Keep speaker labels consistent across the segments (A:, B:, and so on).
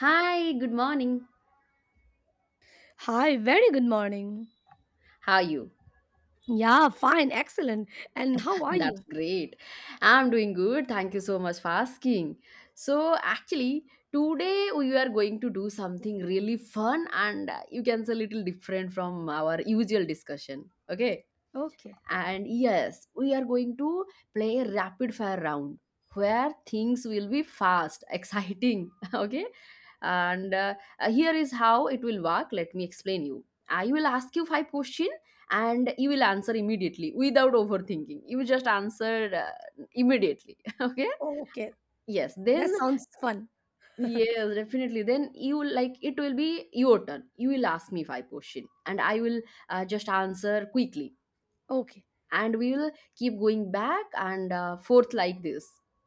A: Hi, good morning.
B: Hi, very good morning.
A: How are you?
B: Yeah, fine, excellent. And how are
A: That's
B: you?
A: great. I'm doing good. Thank you so much for asking. So, actually, today we are going to do something really fun and you can say a little different from our usual discussion. Okay.
B: Okay.
A: And yes, we are going to play a rapid fire round where things will be fast, exciting. Okay. And here is how it will work. Let me explain you. I will ask you five questions and you will answer immediately without overthinking. You just answer immediately. Okay.
B: Oh, okay.
A: Yes. Then,
B: That sounds fun.
A: yes, definitely. Then you will like it will be your turn. You will ask me five questions and I will just answer quickly
B: Okay.
A: and we will keep going back and forth like this,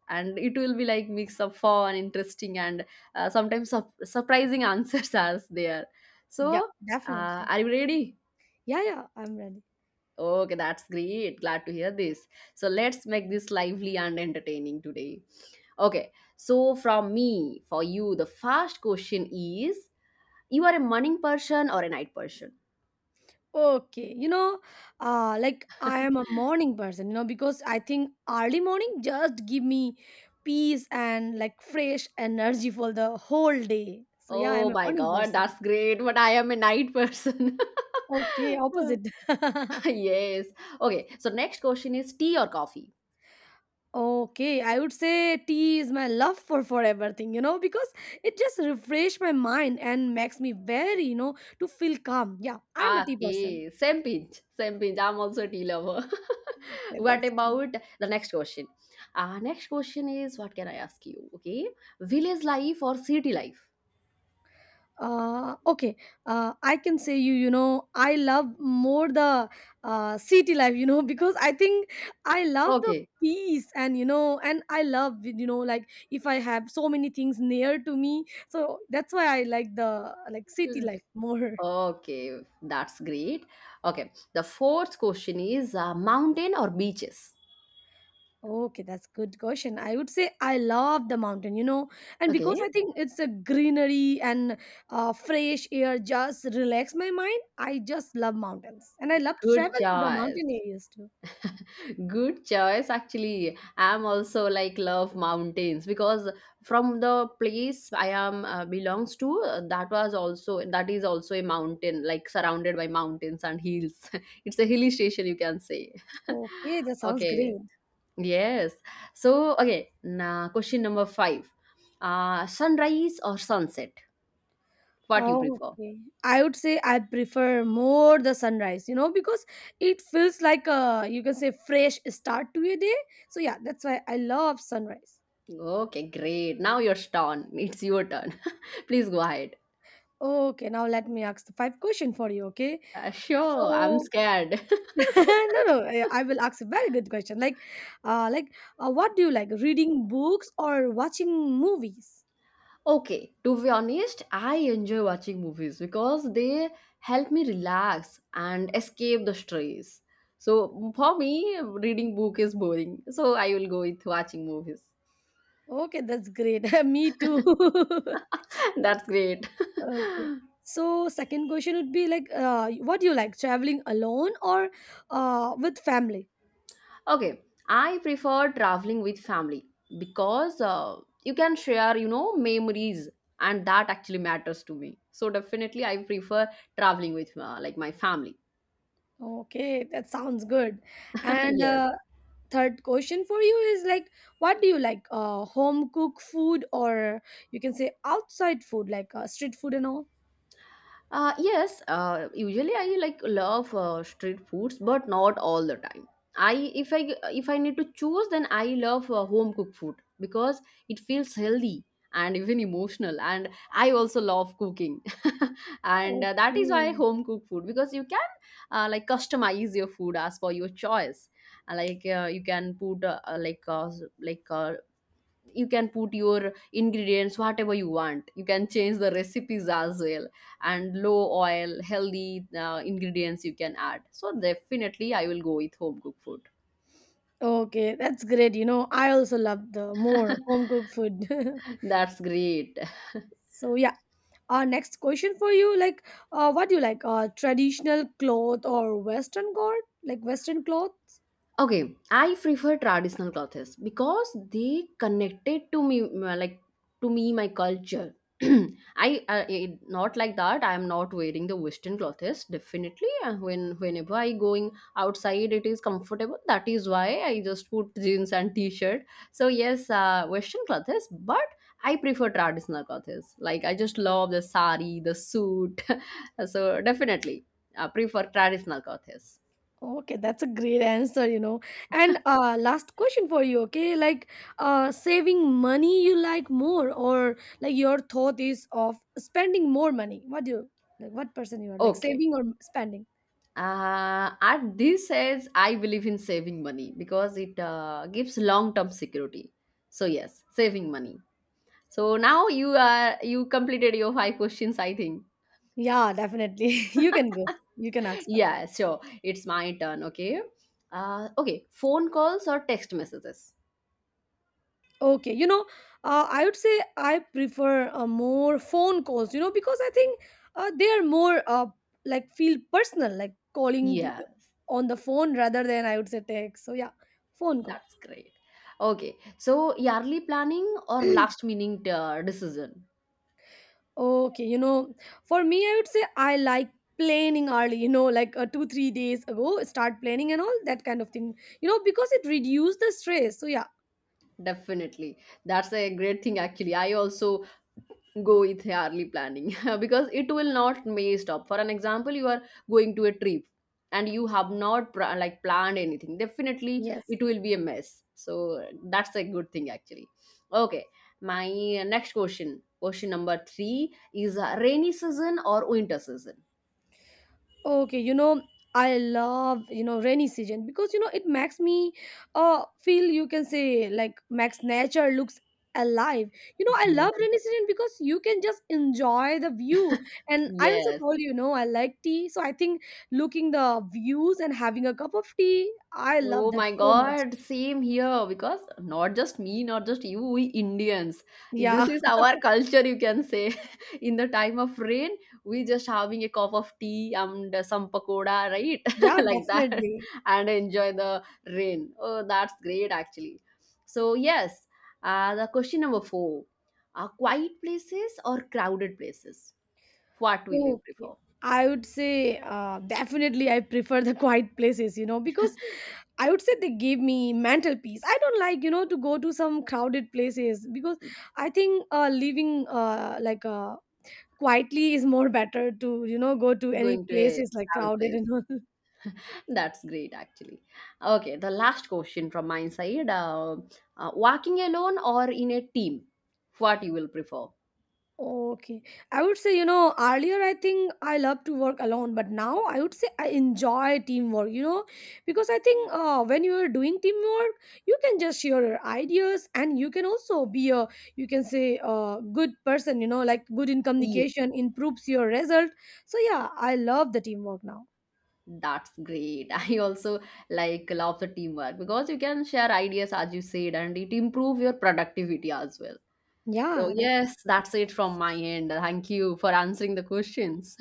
A: and it will be like mix of fun interesting and sometimes surprising answers are there.
B: Yeah,
A: So,
B: definitely.
A: are you ready?
B: Yeah, yeah, I'm ready.
A: Okay, that's great. Glad to hear this. So let's make this lively and entertaining today. Okay. So from me for you, the first question is, you are a morning person or a night person?
B: Okay. You know, like I am a morning person, you know, because I think early morning just give me peace and like fresh energy for the whole day. So yeah, I'm
A: Oh
B: a
A: my
B: morning
A: God,
B: person.
A: that's great, but I am a night person.
B: Okay, opposite.
A: Yes. Okay. So next question is tea or coffee?
B: Okay, I would say tea is my love for forever thing, you know, because it just refresh my mind and makes me very, you know, to feel calm. Yeah, I'm a tea person.
A: Okay. Same pinch. Same pinch. I'm also a tea lover.
B: Okay,
A: What
B: that's
A: about the next question? Next question is what can I ask you? Okay. Village life or city life?
B: Okay, I can say you, you know, I love more the city life, you know, because I think I love the
A: Okay.
B: peace and, you know, and I love, you know, like if I have so many things near to me. So that's why I like the like city life more.
A: Okay. That's great. Okay. The fourth question is mountain or beaches?
B: Okay, that's good question. I would say I love the mountain, you know, and because
A: Okay.
B: I think it's a greenery and fresh air just relax my mind. I just love mountains, and I love to
A: Good
B: travel to the mountain
A: choice.
B: areas too.
A: Good choice. Actually, I'm also like love mountains because from the place I am belongs to, that is also a mountain, like surrounded by mountains and hills. It's a hilly station, you can say.
B: Okay, that sounds
A: Okay.
B: great.
A: Yes. So okay. Now, question number five. Sunrise or sunset? What you prefer?
B: Okay, I would say I prefer more the sunrise, you know, because it feels like a you can say fresh start to a day. So yeah, that's why I love sunrise.
A: Okay, great. Now you're turn. It's your turn. Please go ahead.
B: Okay, now let me ask the five question for you. Okay,
A: Sure, I'm
B: so
A: scared.
B: no, no, I will ask a very good question like, what do you like, reading books or watching movies?
A: Okay, to be honest, I enjoy watching movies because they help me relax and escape the stress. So for me, reading book is boring. So I will go with watching movies.
B: Okay, that's great, me too.
A: That's great.
B: okay, so second question would be like, what do you like, traveling alone or with family?
A: Okay, I prefer traveling with family because you can share memories and that actually matters to me. So definitely I prefer traveling with like my family.
B: Okay, that sounds good. And
A: Yes.
B: third question for you is like, what do you like, home cook food or you can say outside food like street food and all?
A: Yes, usually I like love street foods, but not all the time. I if I if I need to choose, then I love home cooked food because it feels healthy and even emotional. And I also love cooking, and that is why
B: Okay.
A: home cooked food, because you can like customize your food as per your choice. Like you can put like like you can put your ingredients whatever you want. You can change the recipes as well, and low oil healthy ingredients you can add. So definitely I will go with home cooked food.
B: Okay, that's great. You know, I also love the more home cooked food.
A: That's great.
B: So yeah, our next question for you, like, what do you like? Traditional cloth or Western cloth? Like Western cloth?
A: Okay, I prefer traditional clothes because they connected to me, like to me, my culture. Not like that. I am not wearing the Western clothes. Definitely, whenever I going outside, it is comfortable. That is why I just put jeans and t-shirt. So yes, Western clothes, but I prefer traditional clothes. Like I just love the sari, the suit. So definitely, I prefer traditional clothes.
B: Okay, that's a great answer. You know, and last question for you. Okay, like, saving money you like more, or like your thought is of spending more money? What do you like? What person you are like,
A: Okay.
B: saving or spending?
A: At this age, I believe in saving money because it gives long-term security. So yes, saving money. So now you completed your five questions, I think.
B: Yeah, definitely. You can go. You can ask first.
A: Yeah, sure. It's my turn. Okay. Okay. Phone calls or text messages.
B: Okay, you know, I would say I prefer more phone calls, you know, because I think they are more like feel personal, like calling to,
A: Yeah,
B: on the phone rather than I would say text. So yeah, phone call.
A: that's great. Okay. So yearly planning or last minute decision.
B: Okay, you know, for me, I would say I like planning early, you know, like two, 3 days ago, start planning and all that kind of thing, you know, because it reduces the stress. So yeah.
A: Definitely. That's a great thing actually. I also go with hourly planning because it will not may stop. For an example, you are going to a trip and you have not like planned anything, definitely
B: Yes.
A: it will be a mess. So that's a good thing actually. Okay, my next question number 3 is rainy season or winter season?
B: Okay, you know, I love, you know, rainy season because you know it makes me feel you can say like makes nature looks alive. You know,
A: Yes.
B: I love rainy season because you can just enjoy the view. And I also
A: Yes.
B: told you, you know, I like tea. So I think looking the views and having a cup of tea, I
A: Oh
B: love that
A: my
B: so much.
A: God, same here because not just me, not just you, we Indians. This
B: Yeah.
A: is our culture, you can say. In the time of rain, we just having a cup of tea and some pakoda, right?
B: Yeah,
A: Like that,
B: definitely.
A: and enjoy the rain. Oh, that's great actually. So, yes, the question number four, quiet places or crowded places? What will you
B: Okay.
A: prefer?
B: I would say definitely I prefer the quiet places, you know, because I would say they give me mental peace. I don't like, you know, to go to some crowded places because I think living like quietly is more better to, you know, go to any
A: Going to a
B: places like
A: crowded
B: crowded
A: place.
B: and all.
A: That's great, actually. Okay, the last question from my side: walking alone or in a team? What you will prefer?
B: Okay. I would say, you know, earlier I think I love to work alone, but now I would say I enjoy teamwork, you know, because I think when you're doing teamwork, you can just share your ideas and you can also be a, you can say, a good person, you know, like good in
A: Yeah,
B: communication improves your result. So, yeah, I love the teamwork now.
A: that's great. I also like love the teamwork because you can share ideas as you said, and it improve your productivity as well. So
B: Yeah. That,
A: yes, that's it from my end. Thank you for answering the questions.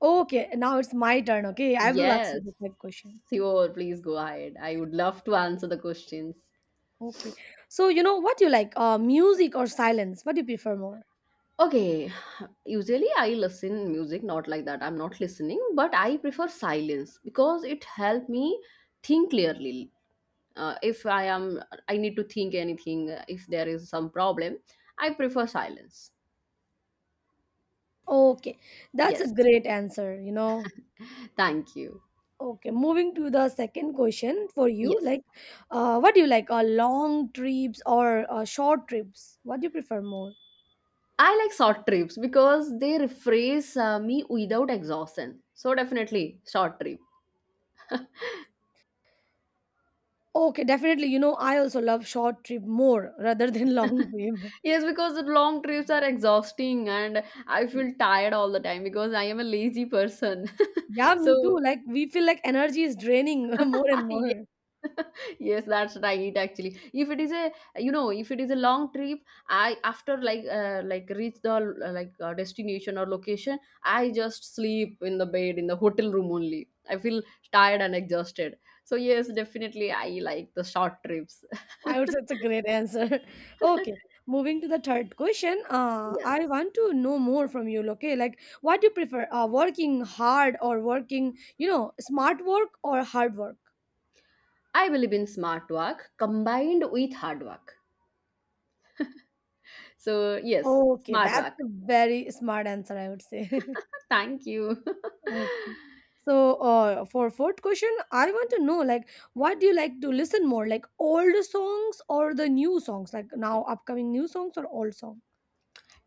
B: okay. Now it's my turn. Okay. I will ask you
A: Yes,
B: the same question.
A: sure. Please go ahead. I would love to answer the questions.
B: Okay. So, you know, what you like, music or silence? What do you prefer more?
A: Okay, usually I listen music not like that. I'm not listening, but I prefer silence because it help me think clearly. If I am, I need to think anything. If there is some problem, I prefer silence.
B: Okay, that's a
A: Yes,
B: great answer, you know.
A: thank you.
B: Okay, moving to the second question for you,
A: Yes,
B: like, what do you like, long trips or short trips? What do you prefer more?
A: I like short trips because they refresh me without exhaustion. So definitely short trip.
B: Okay, definitely, you know, I also love short trip more rather than long trip.
A: Yes, because the long trips are exhausting and I feel tired all the time because I am a lazy person.
B: Yeah, me too.
A: So,
B: Like, we feel like energy is draining more and
A: yes,
B: more.
A: yes, that's right actually. If it is a, you know, if it is a long trip, I after like reach the like destination or location, I just sleep in the bed in the hotel room only. I feel tired and exhausted. So, yes, definitely I like the short trips.
B: I would say it's a great answer. Okay, moving to the third question. I
A: Yes.
B: want to know more from you. Okay, like what do you prefer? Working hard or working, you know, smart work or hard work?
A: I believe in smart work combined with hard work. So, yes,
B: Okay,
A: smart
B: that's
A: work.
B: a very smart answer, I would say.
A: Thank you.
B: Okay. So, for fourth question, I want to know like what do you like to listen more, like old songs or the new songs, like now upcoming new songs or old songs?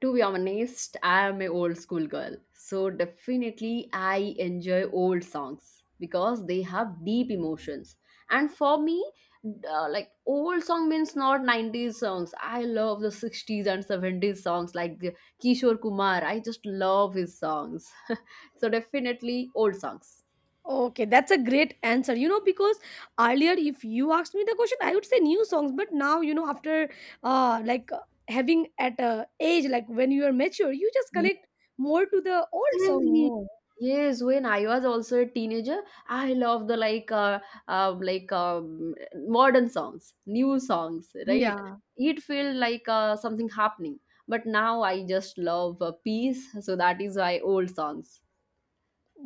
A: To be honest, I am an old school girl. So, definitely, I enjoy old songs because they have deep emotions. And for me, like old song means not 90s songs. I love the 60s and 70s songs like the Kishore Kumar. I just love his songs. So, definitely, old songs.
B: Okay, that's a great answer. You know, because earlier, if you asked me the question, I would say new songs. But now, you know, after uh, like uh, having at a age like when you are mature, you just connect more to the old
A: Same
B: song
A: here.
B: more.
A: Yes, when I was also a teenager, I love the like modern songs, new songs, right?
B: Yeah,
A: It felt like something happening. But now I just love peace, so that is why old songs.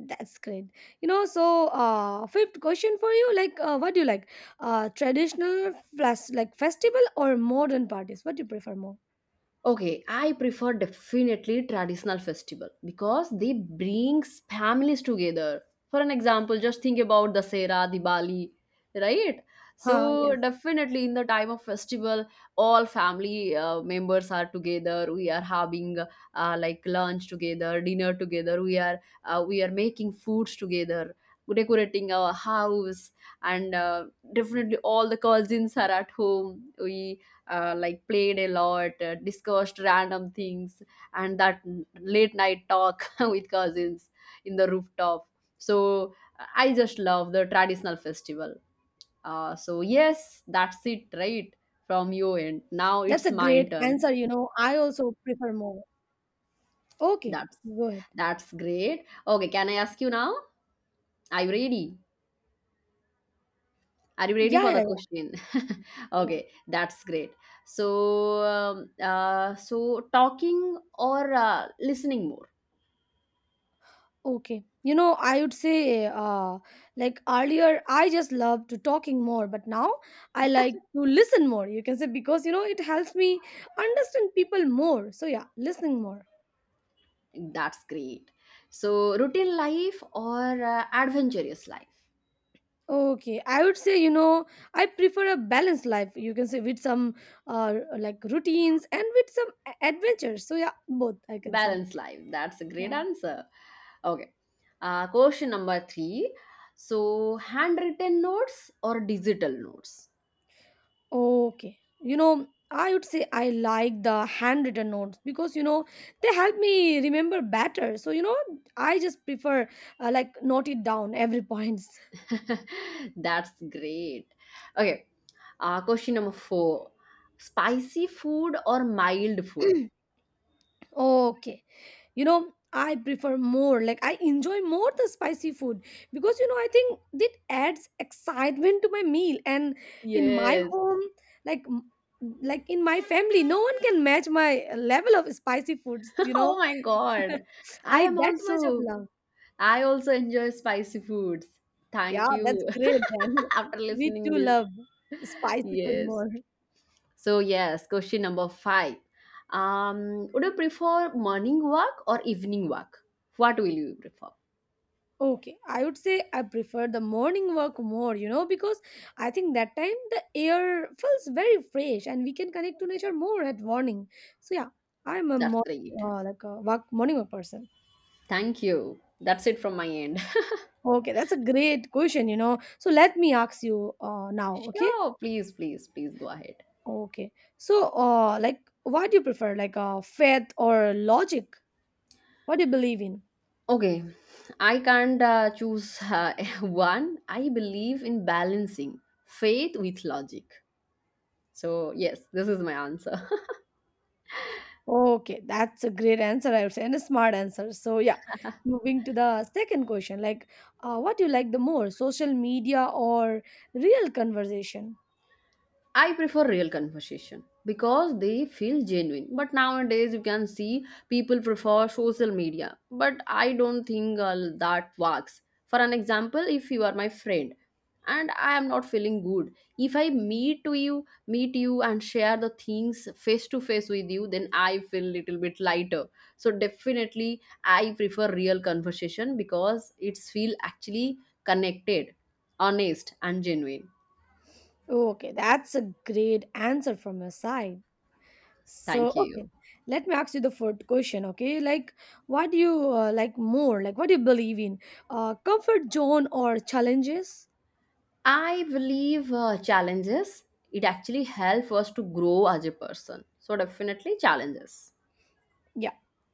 B: that's great. You know, so fifth question for you, like, what do you like, traditional plus like festival or modern parties? What do you prefer more?
A: Okay, I prefer definitely traditional festival because they brings families together. For an example, just think about Dasera, Diwali, right?
B: Huh?
A: So
B: Yes,
A: definitely in the time of festival, all family members are together. We are having like lunch together, dinner together. We are making foods together, decorating our house, and definitely all the cousins are at home. We like played a lot, discussed random things, and that late night talk with cousins in the rooftop. So I just love the traditional festival. So yes, that's it, right? From your end. Now
B: that's
A: it's
B: a
A: my
B: great
A: turn.
B: answer. You know, I also prefer more. Okay,
A: That's
B: go ahead.
A: that's great. Okay, can I ask you now? Are you ready? Are you ready
B: Yeah,
A: for the
B: yeah,
A: question?
B: yeah.
A: Okay, that's great. So, talking or listening more?
B: Okay. You know, I would say, like earlier, I just loved to talking more, but now I like to listen more. You can say because you know it helps me understand people more. So yeah, listening more.
A: That's great. So, routine life or adventurous life?
B: Okay, I would say you know I prefer a balanced life. You can say with some like routines and with some adventures. So yeah, both I can say.
A: Balanced life. That's a great
B: Yeah.
A: answer. Okay. Question number three. So, handwritten notes or digital notes?
B: Okay. You know, I would say I like the handwritten notes because, you know, they help me remember better. So, you know, I just prefer like note it down every points.
A: That's great. Okay. Question number four. Spicy food or mild food?
B: okay. You know, I prefer more like I enjoy more the spicy food because, you know, I think it adds excitement to my meal. And in my
A: Yes.
B: home, like, m- like in my family, no one can match my level of spicy foods, you
A: Oh
B: know.
A: my God. I
B: I
A: am
B: that much of
A: also.
B: love.
A: I also enjoy spicy foods.
B: Yeah,
A: Thank
B: that's
A: you
B: great then.
A: after
B: We
A: listening
B: too
A: this.
B: love spicy food
A: Yes.
B: more.
A: So yes, question number five. Would you prefer morning walk or evening walk? What will you prefer?
B: Okay, I would say I prefer the morning work more, you know, because I think that time the air feels very fresh and we can connect to nature more at morning. So yeah, I'm a
A: That's
B: more
A: great.
B: like a work, morning work person.
A: Thank you. That's it from my end.
B: Okay, that's a great question, you know. So let me ask you now, okay?
A: Sure, please, please, please go ahead.
B: Okay. So like what do you prefer, like faith or logic? What do you believe in?
A: Okay, I can't choose one. I believe in balancing faith with logic. So yes, this is my answer.
B: Okay, that's a great answer, I would say, and a smart answer. So, yeah, moving to the second question, like, what do you like the more, social media or real conversation?
A: I prefer real conversation because they feel genuine. But nowadays, you can see people prefer social media. But I don't think that works. For an example, if you are my friend and I am not feeling good, if I meet you and share the things face to face with you, then I feel little bit lighter. So definitely, I prefer real conversation because it's feel actually connected, honest, and genuine.
B: Okay, that's a great answer from your side. So,
A: Thank
B: okay,
A: you.
B: let me ask you the fourth question, okay? Like, what do you like more? Like, what do you believe in? Comfort zone or challenges?
A: I believe challenges, it actually helps us to grow as a person. So, definitely challenges.
B: Yeah,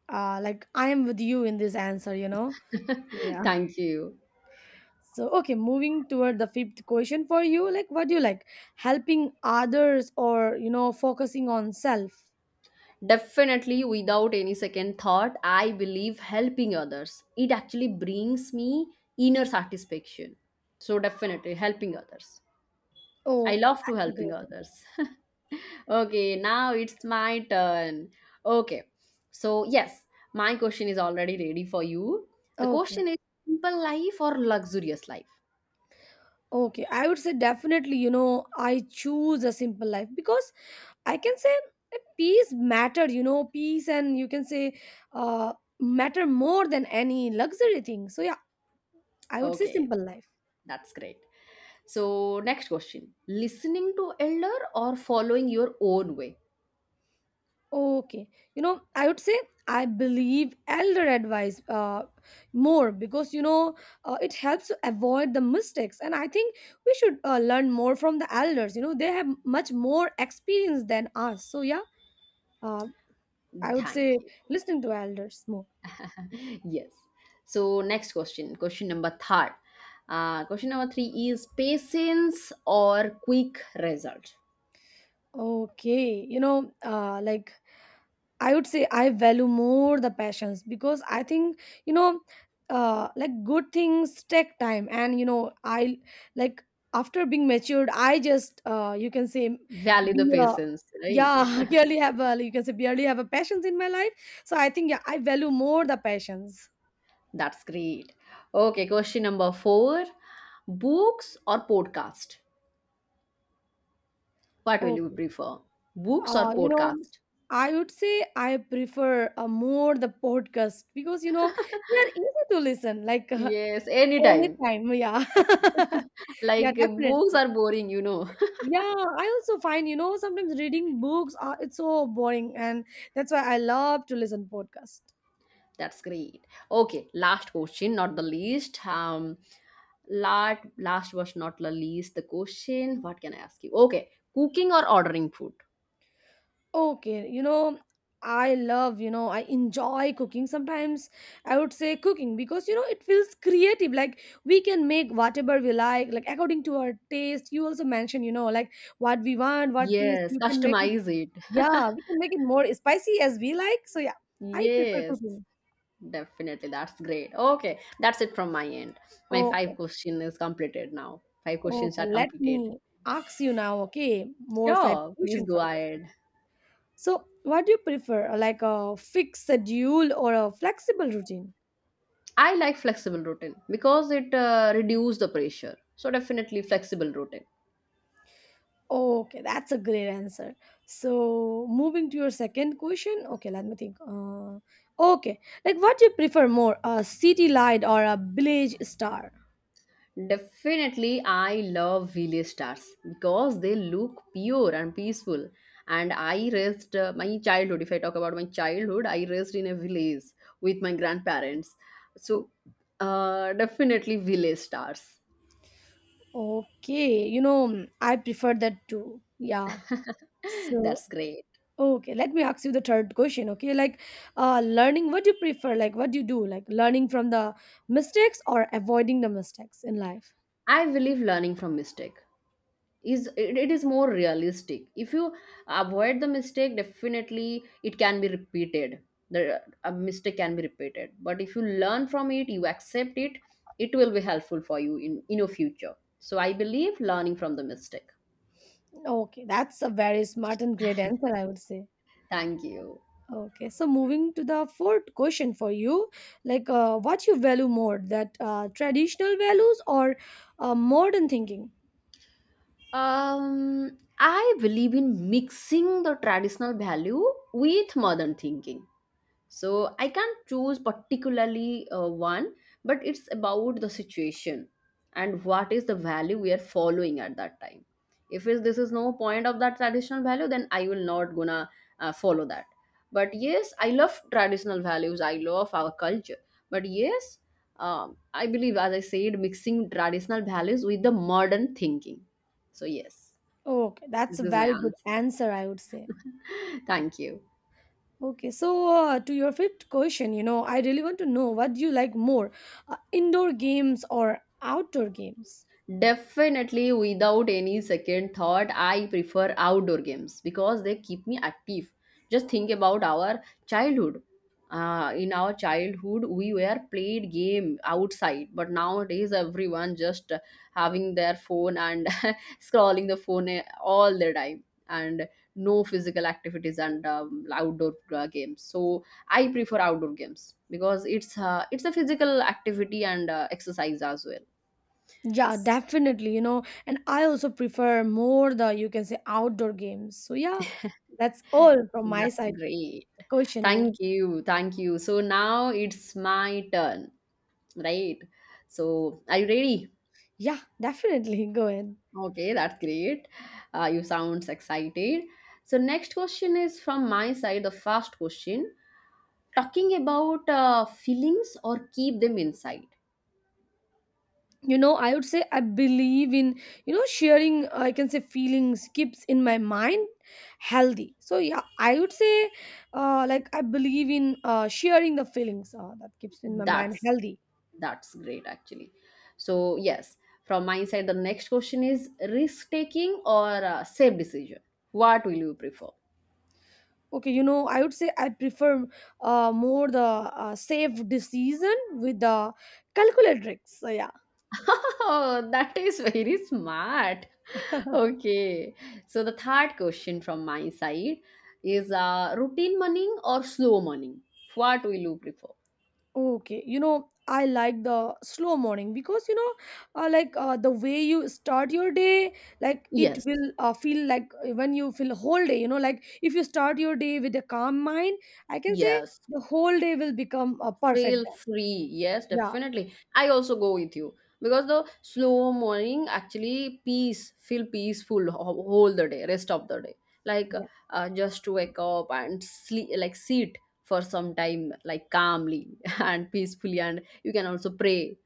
B: like, I am with you in this answer, you know? Yeah.
A: Thank you.
B: So, okay, moving toward the fifth question for you, like what do you like? Helping others or, you know, focusing on self?
A: Definitely, without any second thought, I believe helping others. It actually brings me inner satisfaction. So, definitely helping others. I
B: Okay,
A: love to
B: that's a great
A: helping
B: one.
A: others. Okay, now it's my turn. Okay, so yes, my question is already ready for you. The
B: Okay.
A: question is simple life or luxurious life?
B: Okay, I would say definitely, you know, I choose a simple life because I can say that peace matter, you know, peace and you can say uh matter more than any luxury thing. So yeah, I would say
A: Okay,
B: simple life.
A: that's great. So, next question, listening to elder or following your own way?
B: Okay. You know, I would say I believe elder advice more because, you know, it helps to avoid the mistakes. And I think we should learn more from the elders. You know, they have much more experience than us. So, yeah, uh, I would
A: Thank
B: say listening to elders more.
A: you. Yes. So, next question, question number third. Question number three is patience or quick result?
B: Okay. You know, I would say I value more the passions because I think you know, good things take time, and you know, I like after being matured, I just you can say
A: Value the
B: be a
A: patience, right?
B: yeah, barely have a you can say barely have a passions in my life. So I think yeah, I value more the passions.
A: That's great. Okay, question number four, books or podcast? What will you
B: Okay,
A: prefer? Books or
B: you know.
A: podcast?
B: I would say I prefer more the podcast because you know they are easy to listen like
A: Yes, anytime.
B: anytime, yeah, yeah,
A: Like books
B: definitely.
A: are boring, you know.
B: Yeah, I also find, you know, sometimes reading books are it's so boring and that's why I love to listen podcast.
A: That's great. Okay, last question, not the least. Last was not the least. The question. What can I ask you? Okay, cooking or ordering food?
B: Okay, I love, I enjoy cooking. Sometimes I would say cooking because you know it feels creative. Like we can make whatever we like according to our taste. You also mentioned, you know, like what we want, what taste
A: Yes,
B: you can make it.
A: customize it.
B: Yeah, we can make it more spicy as we like. So yeah, I prefer
A: Yes,
B: cooking.
A: definitely. That's great. Okay, that's it from my end. My five
B: Okay.
A: question is completed now. Five questions
B: Okay,
A: are
B: let
A: completed.
B: me ask you now, okay, more five
A: Sure, please
B: question
A: go
B: from us.
A: ahead.
B: So, what do you prefer, like a fixed schedule or a flexible routine?
A: I like flexible routine because it reduces the pressure. So definitely flexible routine.
B: Okay, that's a great answer. So, moving to your second question, okay, let me think. Okay, like what do you prefer more, a city light or a village star?
A: Definitely, I love village stars because they look pure and peaceful. And I raised my childhood. If I talk about my childhood, I raised in a village with my grandparents. So, definitely village stars.
B: Okay, you know, I prefer that too. Yeah. So,
A: That's great.
B: okay, let me ask you the third question. Okay, like learning, what do you prefer? Like, what do you do? Like, learning from the mistakes or avoiding the mistakes in life?
A: I believe learning from mistake is it is more realistic. If you avoid the mistake, definitely it can be repeated. The a mistake can be repeated. But if you learn from it, you accept it, it will be helpful for you in your future. So I believe learning from the mistake.
B: Okay, that's a very smart and great answer, I would say.
A: Thank you.
B: Okay, so moving to the fourth question for you, like, what you value more, that traditional values or modern thinking?
A: I believe in mixing the traditional value with modern thinking. So I can't choose particularly one, but it's about the situation and what is the value we are following at that time. If is this is no point of that traditional value, then I will not gonna follow that. But yes, I love traditional values, I love our culture. But yes, I believe, as I said, mixing traditional values with the modern thinking. So yes,
B: Okay, that's
A: this
B: a
A: is my
B: very good
A: answer.
B: answer, I would say.
A: Thank you.
B: Okay, so to your fifth question, you know, I really want to know what do you like more, indoor games or outdoor games?
A: Definitely, without any second thought, I prefer outdoor games because they keep me active. Just think about our childhood. In our childhood, we were played game outside, but nowadays everyone just having their phone and scrolling the phone all the time, and no physical activities and outdoor games. So I prefer outdoor games because it's a physical activity and exercise as well.
B: Yeah, definitely, you know, and I also prefer more the you can say outdoor games. So yeah, that's all from my
A: That's
B: side.
A: great.
B: Question you.
A: Thank you. Thank you. So now it's my turn, right? So are you ready?
B: Yeah, definitely. Go ahead.
A: Okay, that's great. You sounds excited. So next question is from my side, the first question. Talking about feelings or keep them inside.
B: You know, I would say I believe in you know sharing, I can say feelings keeps in my mind healthy, so yeah, I would say like I believe in sharing the feelings, that keeps in my mind
A: That's
B: healthy.
A: that's great actually. So yes, from my side, the next question is risk taking or safe decision. What will you prefer?
B: Okay, you know, I would say I prefer more the safe decision with the calculatrix, so yeah.
A: Oh, that is very smart. Okay. So the third question from my side is routine morning or slow morning? What will you prefer?
B: Okay, you know, I like the slow morning because you know, like the way you start your day, like it
A: Yes.
B: will feel like when you feel whole day, you know, like if you start your day with a calm mind, I can say
A: Yes.
B: the whole day will become perfect
A: Feel
B: then.
A: free. Yes,
B: Yeah.
A: definitely. I also go with you because the slow morning actually peace, feel peaceful ho- whole the day, rest of the day. Like just to wake up and sleep, like sit for some time, like calmly and peacefully, and you can also pray.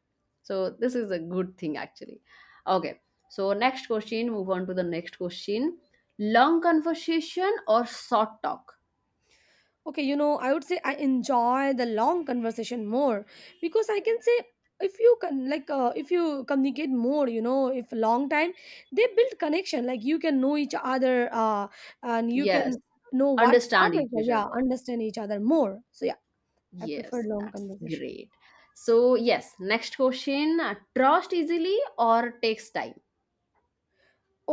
A: So this is a good thing actually. Okay. So next question. Move on to the next question. Long conversation or short talk?
B: Okay, you know, I would say I enjoy the long conversation more because I can say if you can like if you communicate more, you know, if long time they build connection. Like you can know each other, and you
A: Yes,
B: can know what
A: understand
B: others are.
A: each
B: Yeah,
A: other.
B: understand each other more. So yeah, I prefer
A: Yes,
B: long
A: that's
B: conversation.
A: great. So, yes, next question. Trust easily or takes time?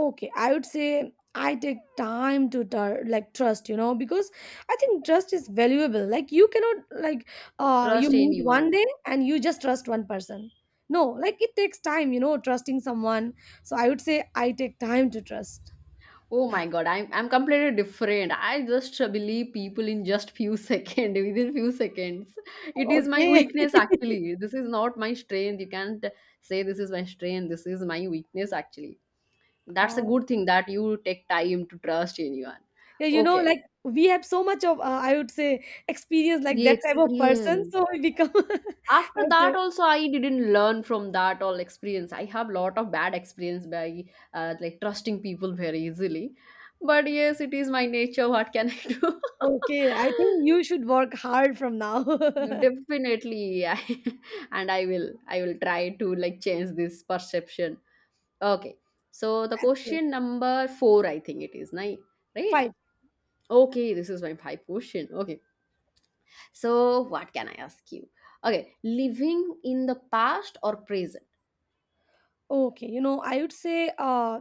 B: Okay, I would say I take time to like trust, you know, because I think trust is valuable. Like you cannot like you
A: Trust
B: meet one
A: anyone.
B: day and you just trust one person. No, like it takes time, you know, trusting someone. So I would say I take time to trust.
A: Oh my God, I'm completely different. I just believe people in just few seconds, within few seconds. It is my
B: Okay.
A: weakness actually. This is not my strength. You can't say this is my strength. This is my weakness actually. That's a
B: Oh,
A: good thing that you take time to trust anyone.
B: yeah, you know,
A: Okay.
B: like we have so much of, I would say, experience like
A: The
B: that type of person.
A: experience.
B: So we become, I
A: After
B: would
A: that
B: say,
A: also, I didn't learn from that all experience. I have lot of bad experience by like trusting people very easily. But yes, it is my nature, what can I do?
B: okay, I think you should work hard from now.
A: No,
B: That's
A: definitely I, and I will, I will try to like change this perception. Okay, so the
B: great.
A: question number 4, I think it is nine, right?
B: Fine.
A: Okay, this is my five question. Okay, so what can I ask you? Okay, living in the past or present?
B: Okay, you know, I would say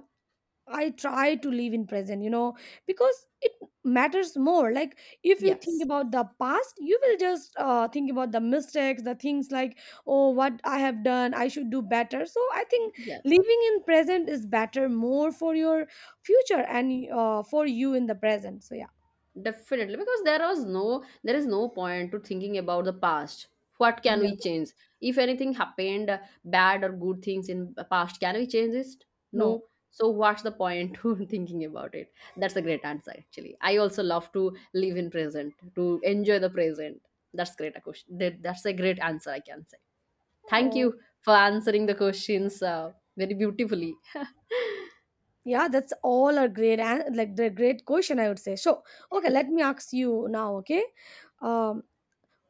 B: I try to live in present, you know, because it matters more. Like if you think
A: Yes.
B: about the past, you will just think about the mistakes, the things like, oh, what I have done, I should do better. So I think
A: Yes,
B: living in present is better more for your future and for you in the present. So yeah.
A: definitely. Because there was no, there is no point to thinking about the past. What can we
B: Yeah.
A: change? If anything happened, bad or good things in the past, can we change this?
B: No.
A: No. So what's the point to thinking about it? That's a great answer, actually. I also love to live in present, to enjoy the present. That's great a question. That's a great answer, I can say. Thank
B: Oh,
A: you for answering the questions very beautifully.
B: yeah, that's all a like the great question I would say. So, okay, let me ask you now, okay? Um,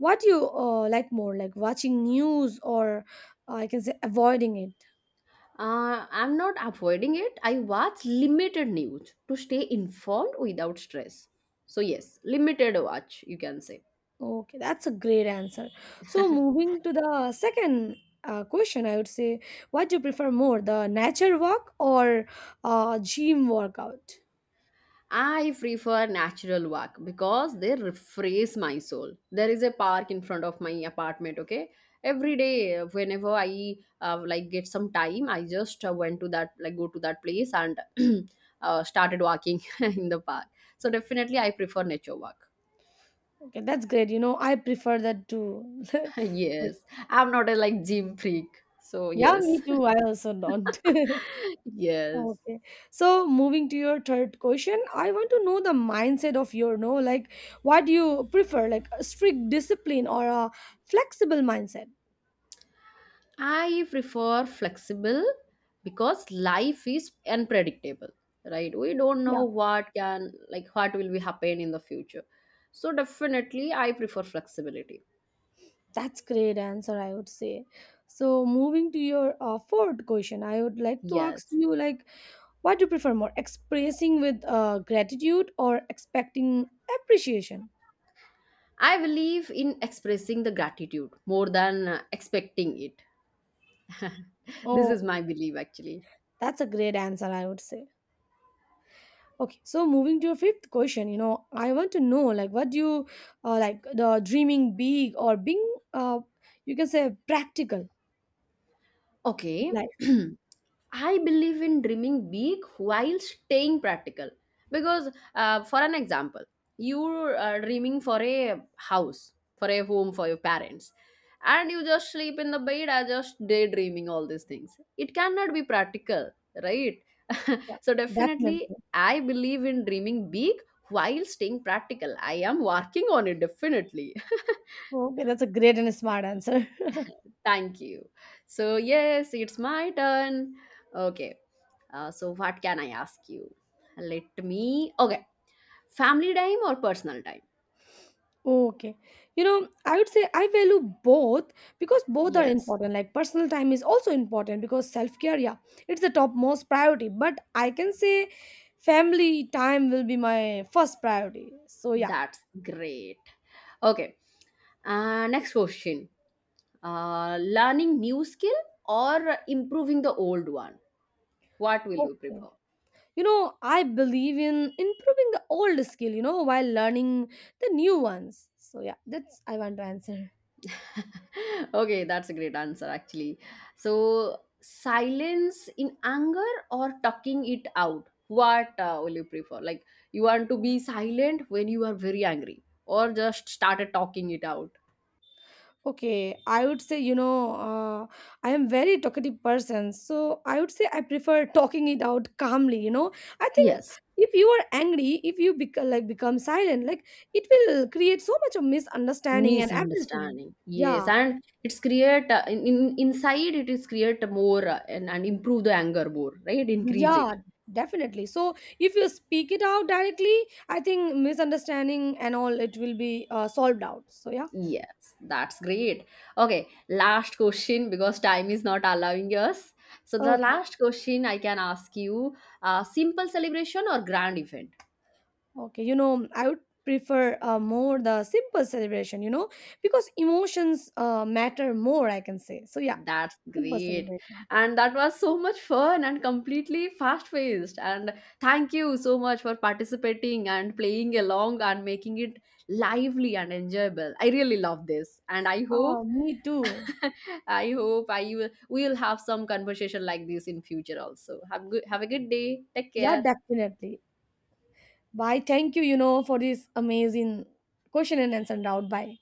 B: what do you like more, like watching news or I can say avoiding it?
A: I'm not avoiding it. I watch limited news to stay informed without stress. So, yes, limited watch, you can say.
B: Okay, that's a great answer. So moving to the second question, I would say, what do you prefer more, the nature walk or gym workout?
A: I prefer natural walk because they refresh my soul. There is a park in front of my apartment, okay? Every day, whenever I like get some time, I just went to that, like go to that place and started walking in the park. So definitely, I prefer nature walk.
B: Okay, that's great. You know, I prefer that too. Like,
A: Yes, I'm not a like gym freak. So
B: yeah,
A: yes.
B: me too. I also don't.
A: Yes.
B: Okay. So moving to your third question, I want to know the mindset of your no, like what do you prefer, like a strict discipline or a flexible mindset?
A: I prefer flexible because life is unpredictable, right? We don't
B: Yeah,
A: know what can, like, what will be happen in the future. So definitely, I prefer flexibility.
B: that's great answer, I would say. So moving to your fourth question, I would like to ask
A: Yes.
B: you like what do you prefer more, expressing with gratitude or expecting appreciation?
A: I believe in expressing the gratitude more than expecting it. This is
B: Oh,
A: my belief, actually.
B: that's a great answer, I would say. Okay, so moving to your fifth question, you know, I want to know like what do you like the dreaming big or being you can say practical
A: Okay.
B: life.
A: I believe in dreaming big while staying practical. Because, for an example, you're dreaming for a house, for a home for your parents, and you just sleep in the bed and just daydreaming all these things. It cannot be practical, right? So, definitely,
B: Definitely.
A: I believe in dreaming big while staying practical. I am working on it, definitely.
B: Okay, that's a great and a smart answer.
A: Thank you. So, yes, it's my turn. Okay. So, what can I ask you? Let me. Okay. Family time or personal time?
B: Okay. You know, I would say I value both because both are
A: Yes.
B: important. Like personal time is also important because self-care, yeah, it's the topmost priority. But I can say family time will be my first priority. So yeah.
A: That's great. Okay. Next question. Learning new skill or improving the old one? What will you
B: Okay.
A: prefer?
B: You know, I believe in improving the old skill, you know, while learning the new ones. So yeah, that's I want to answer.
A: Okay, that's a great answer actually. So, silence in anger or talking it out? What will you prefer? Like, you want to be silent when you are very angry, or just started talking it out?
B: Okay, I would say, you know, uh, I am very talkative person, so I would say I prefer talking it out calmly, you know, I think
A: Yes,
B: if you are angry, if you like become silent, like it will create so much of misunderstanding and everything.
A: misunderstanding. Yes,
B: Yeah,
A: and it's create in inside it is create more and improve the anger more, right? Increase
B: yeah,
A: it.
B: definitely. So if you speak it out directly, I think misunderstanding and all it will be solved out. So yeah.
A: Yes, that's great. Okay, last question because time is not allowing us. So the
B: Okay.
A: last question I can ask you, simple celebration or grand event?
B: Okay. You know, I would prefer more the simple celebration, you know, because emotions matter more, I can say. So yeah,
A: That's
B: simple
A: great.
B: celebration.
A: And that was so much fun and completely fast-paced. And thank you so much for participating and playing along and making it lively and enjoyable. I really love this. And I hope
B: Oh, me too.
A: I hope I will we will have some conversation like this in future also. Have a good day. Take
B: Yeah,
A: care.
B: definitely. Bye. Thank you, you know, for this amazing question and answer round. Bye.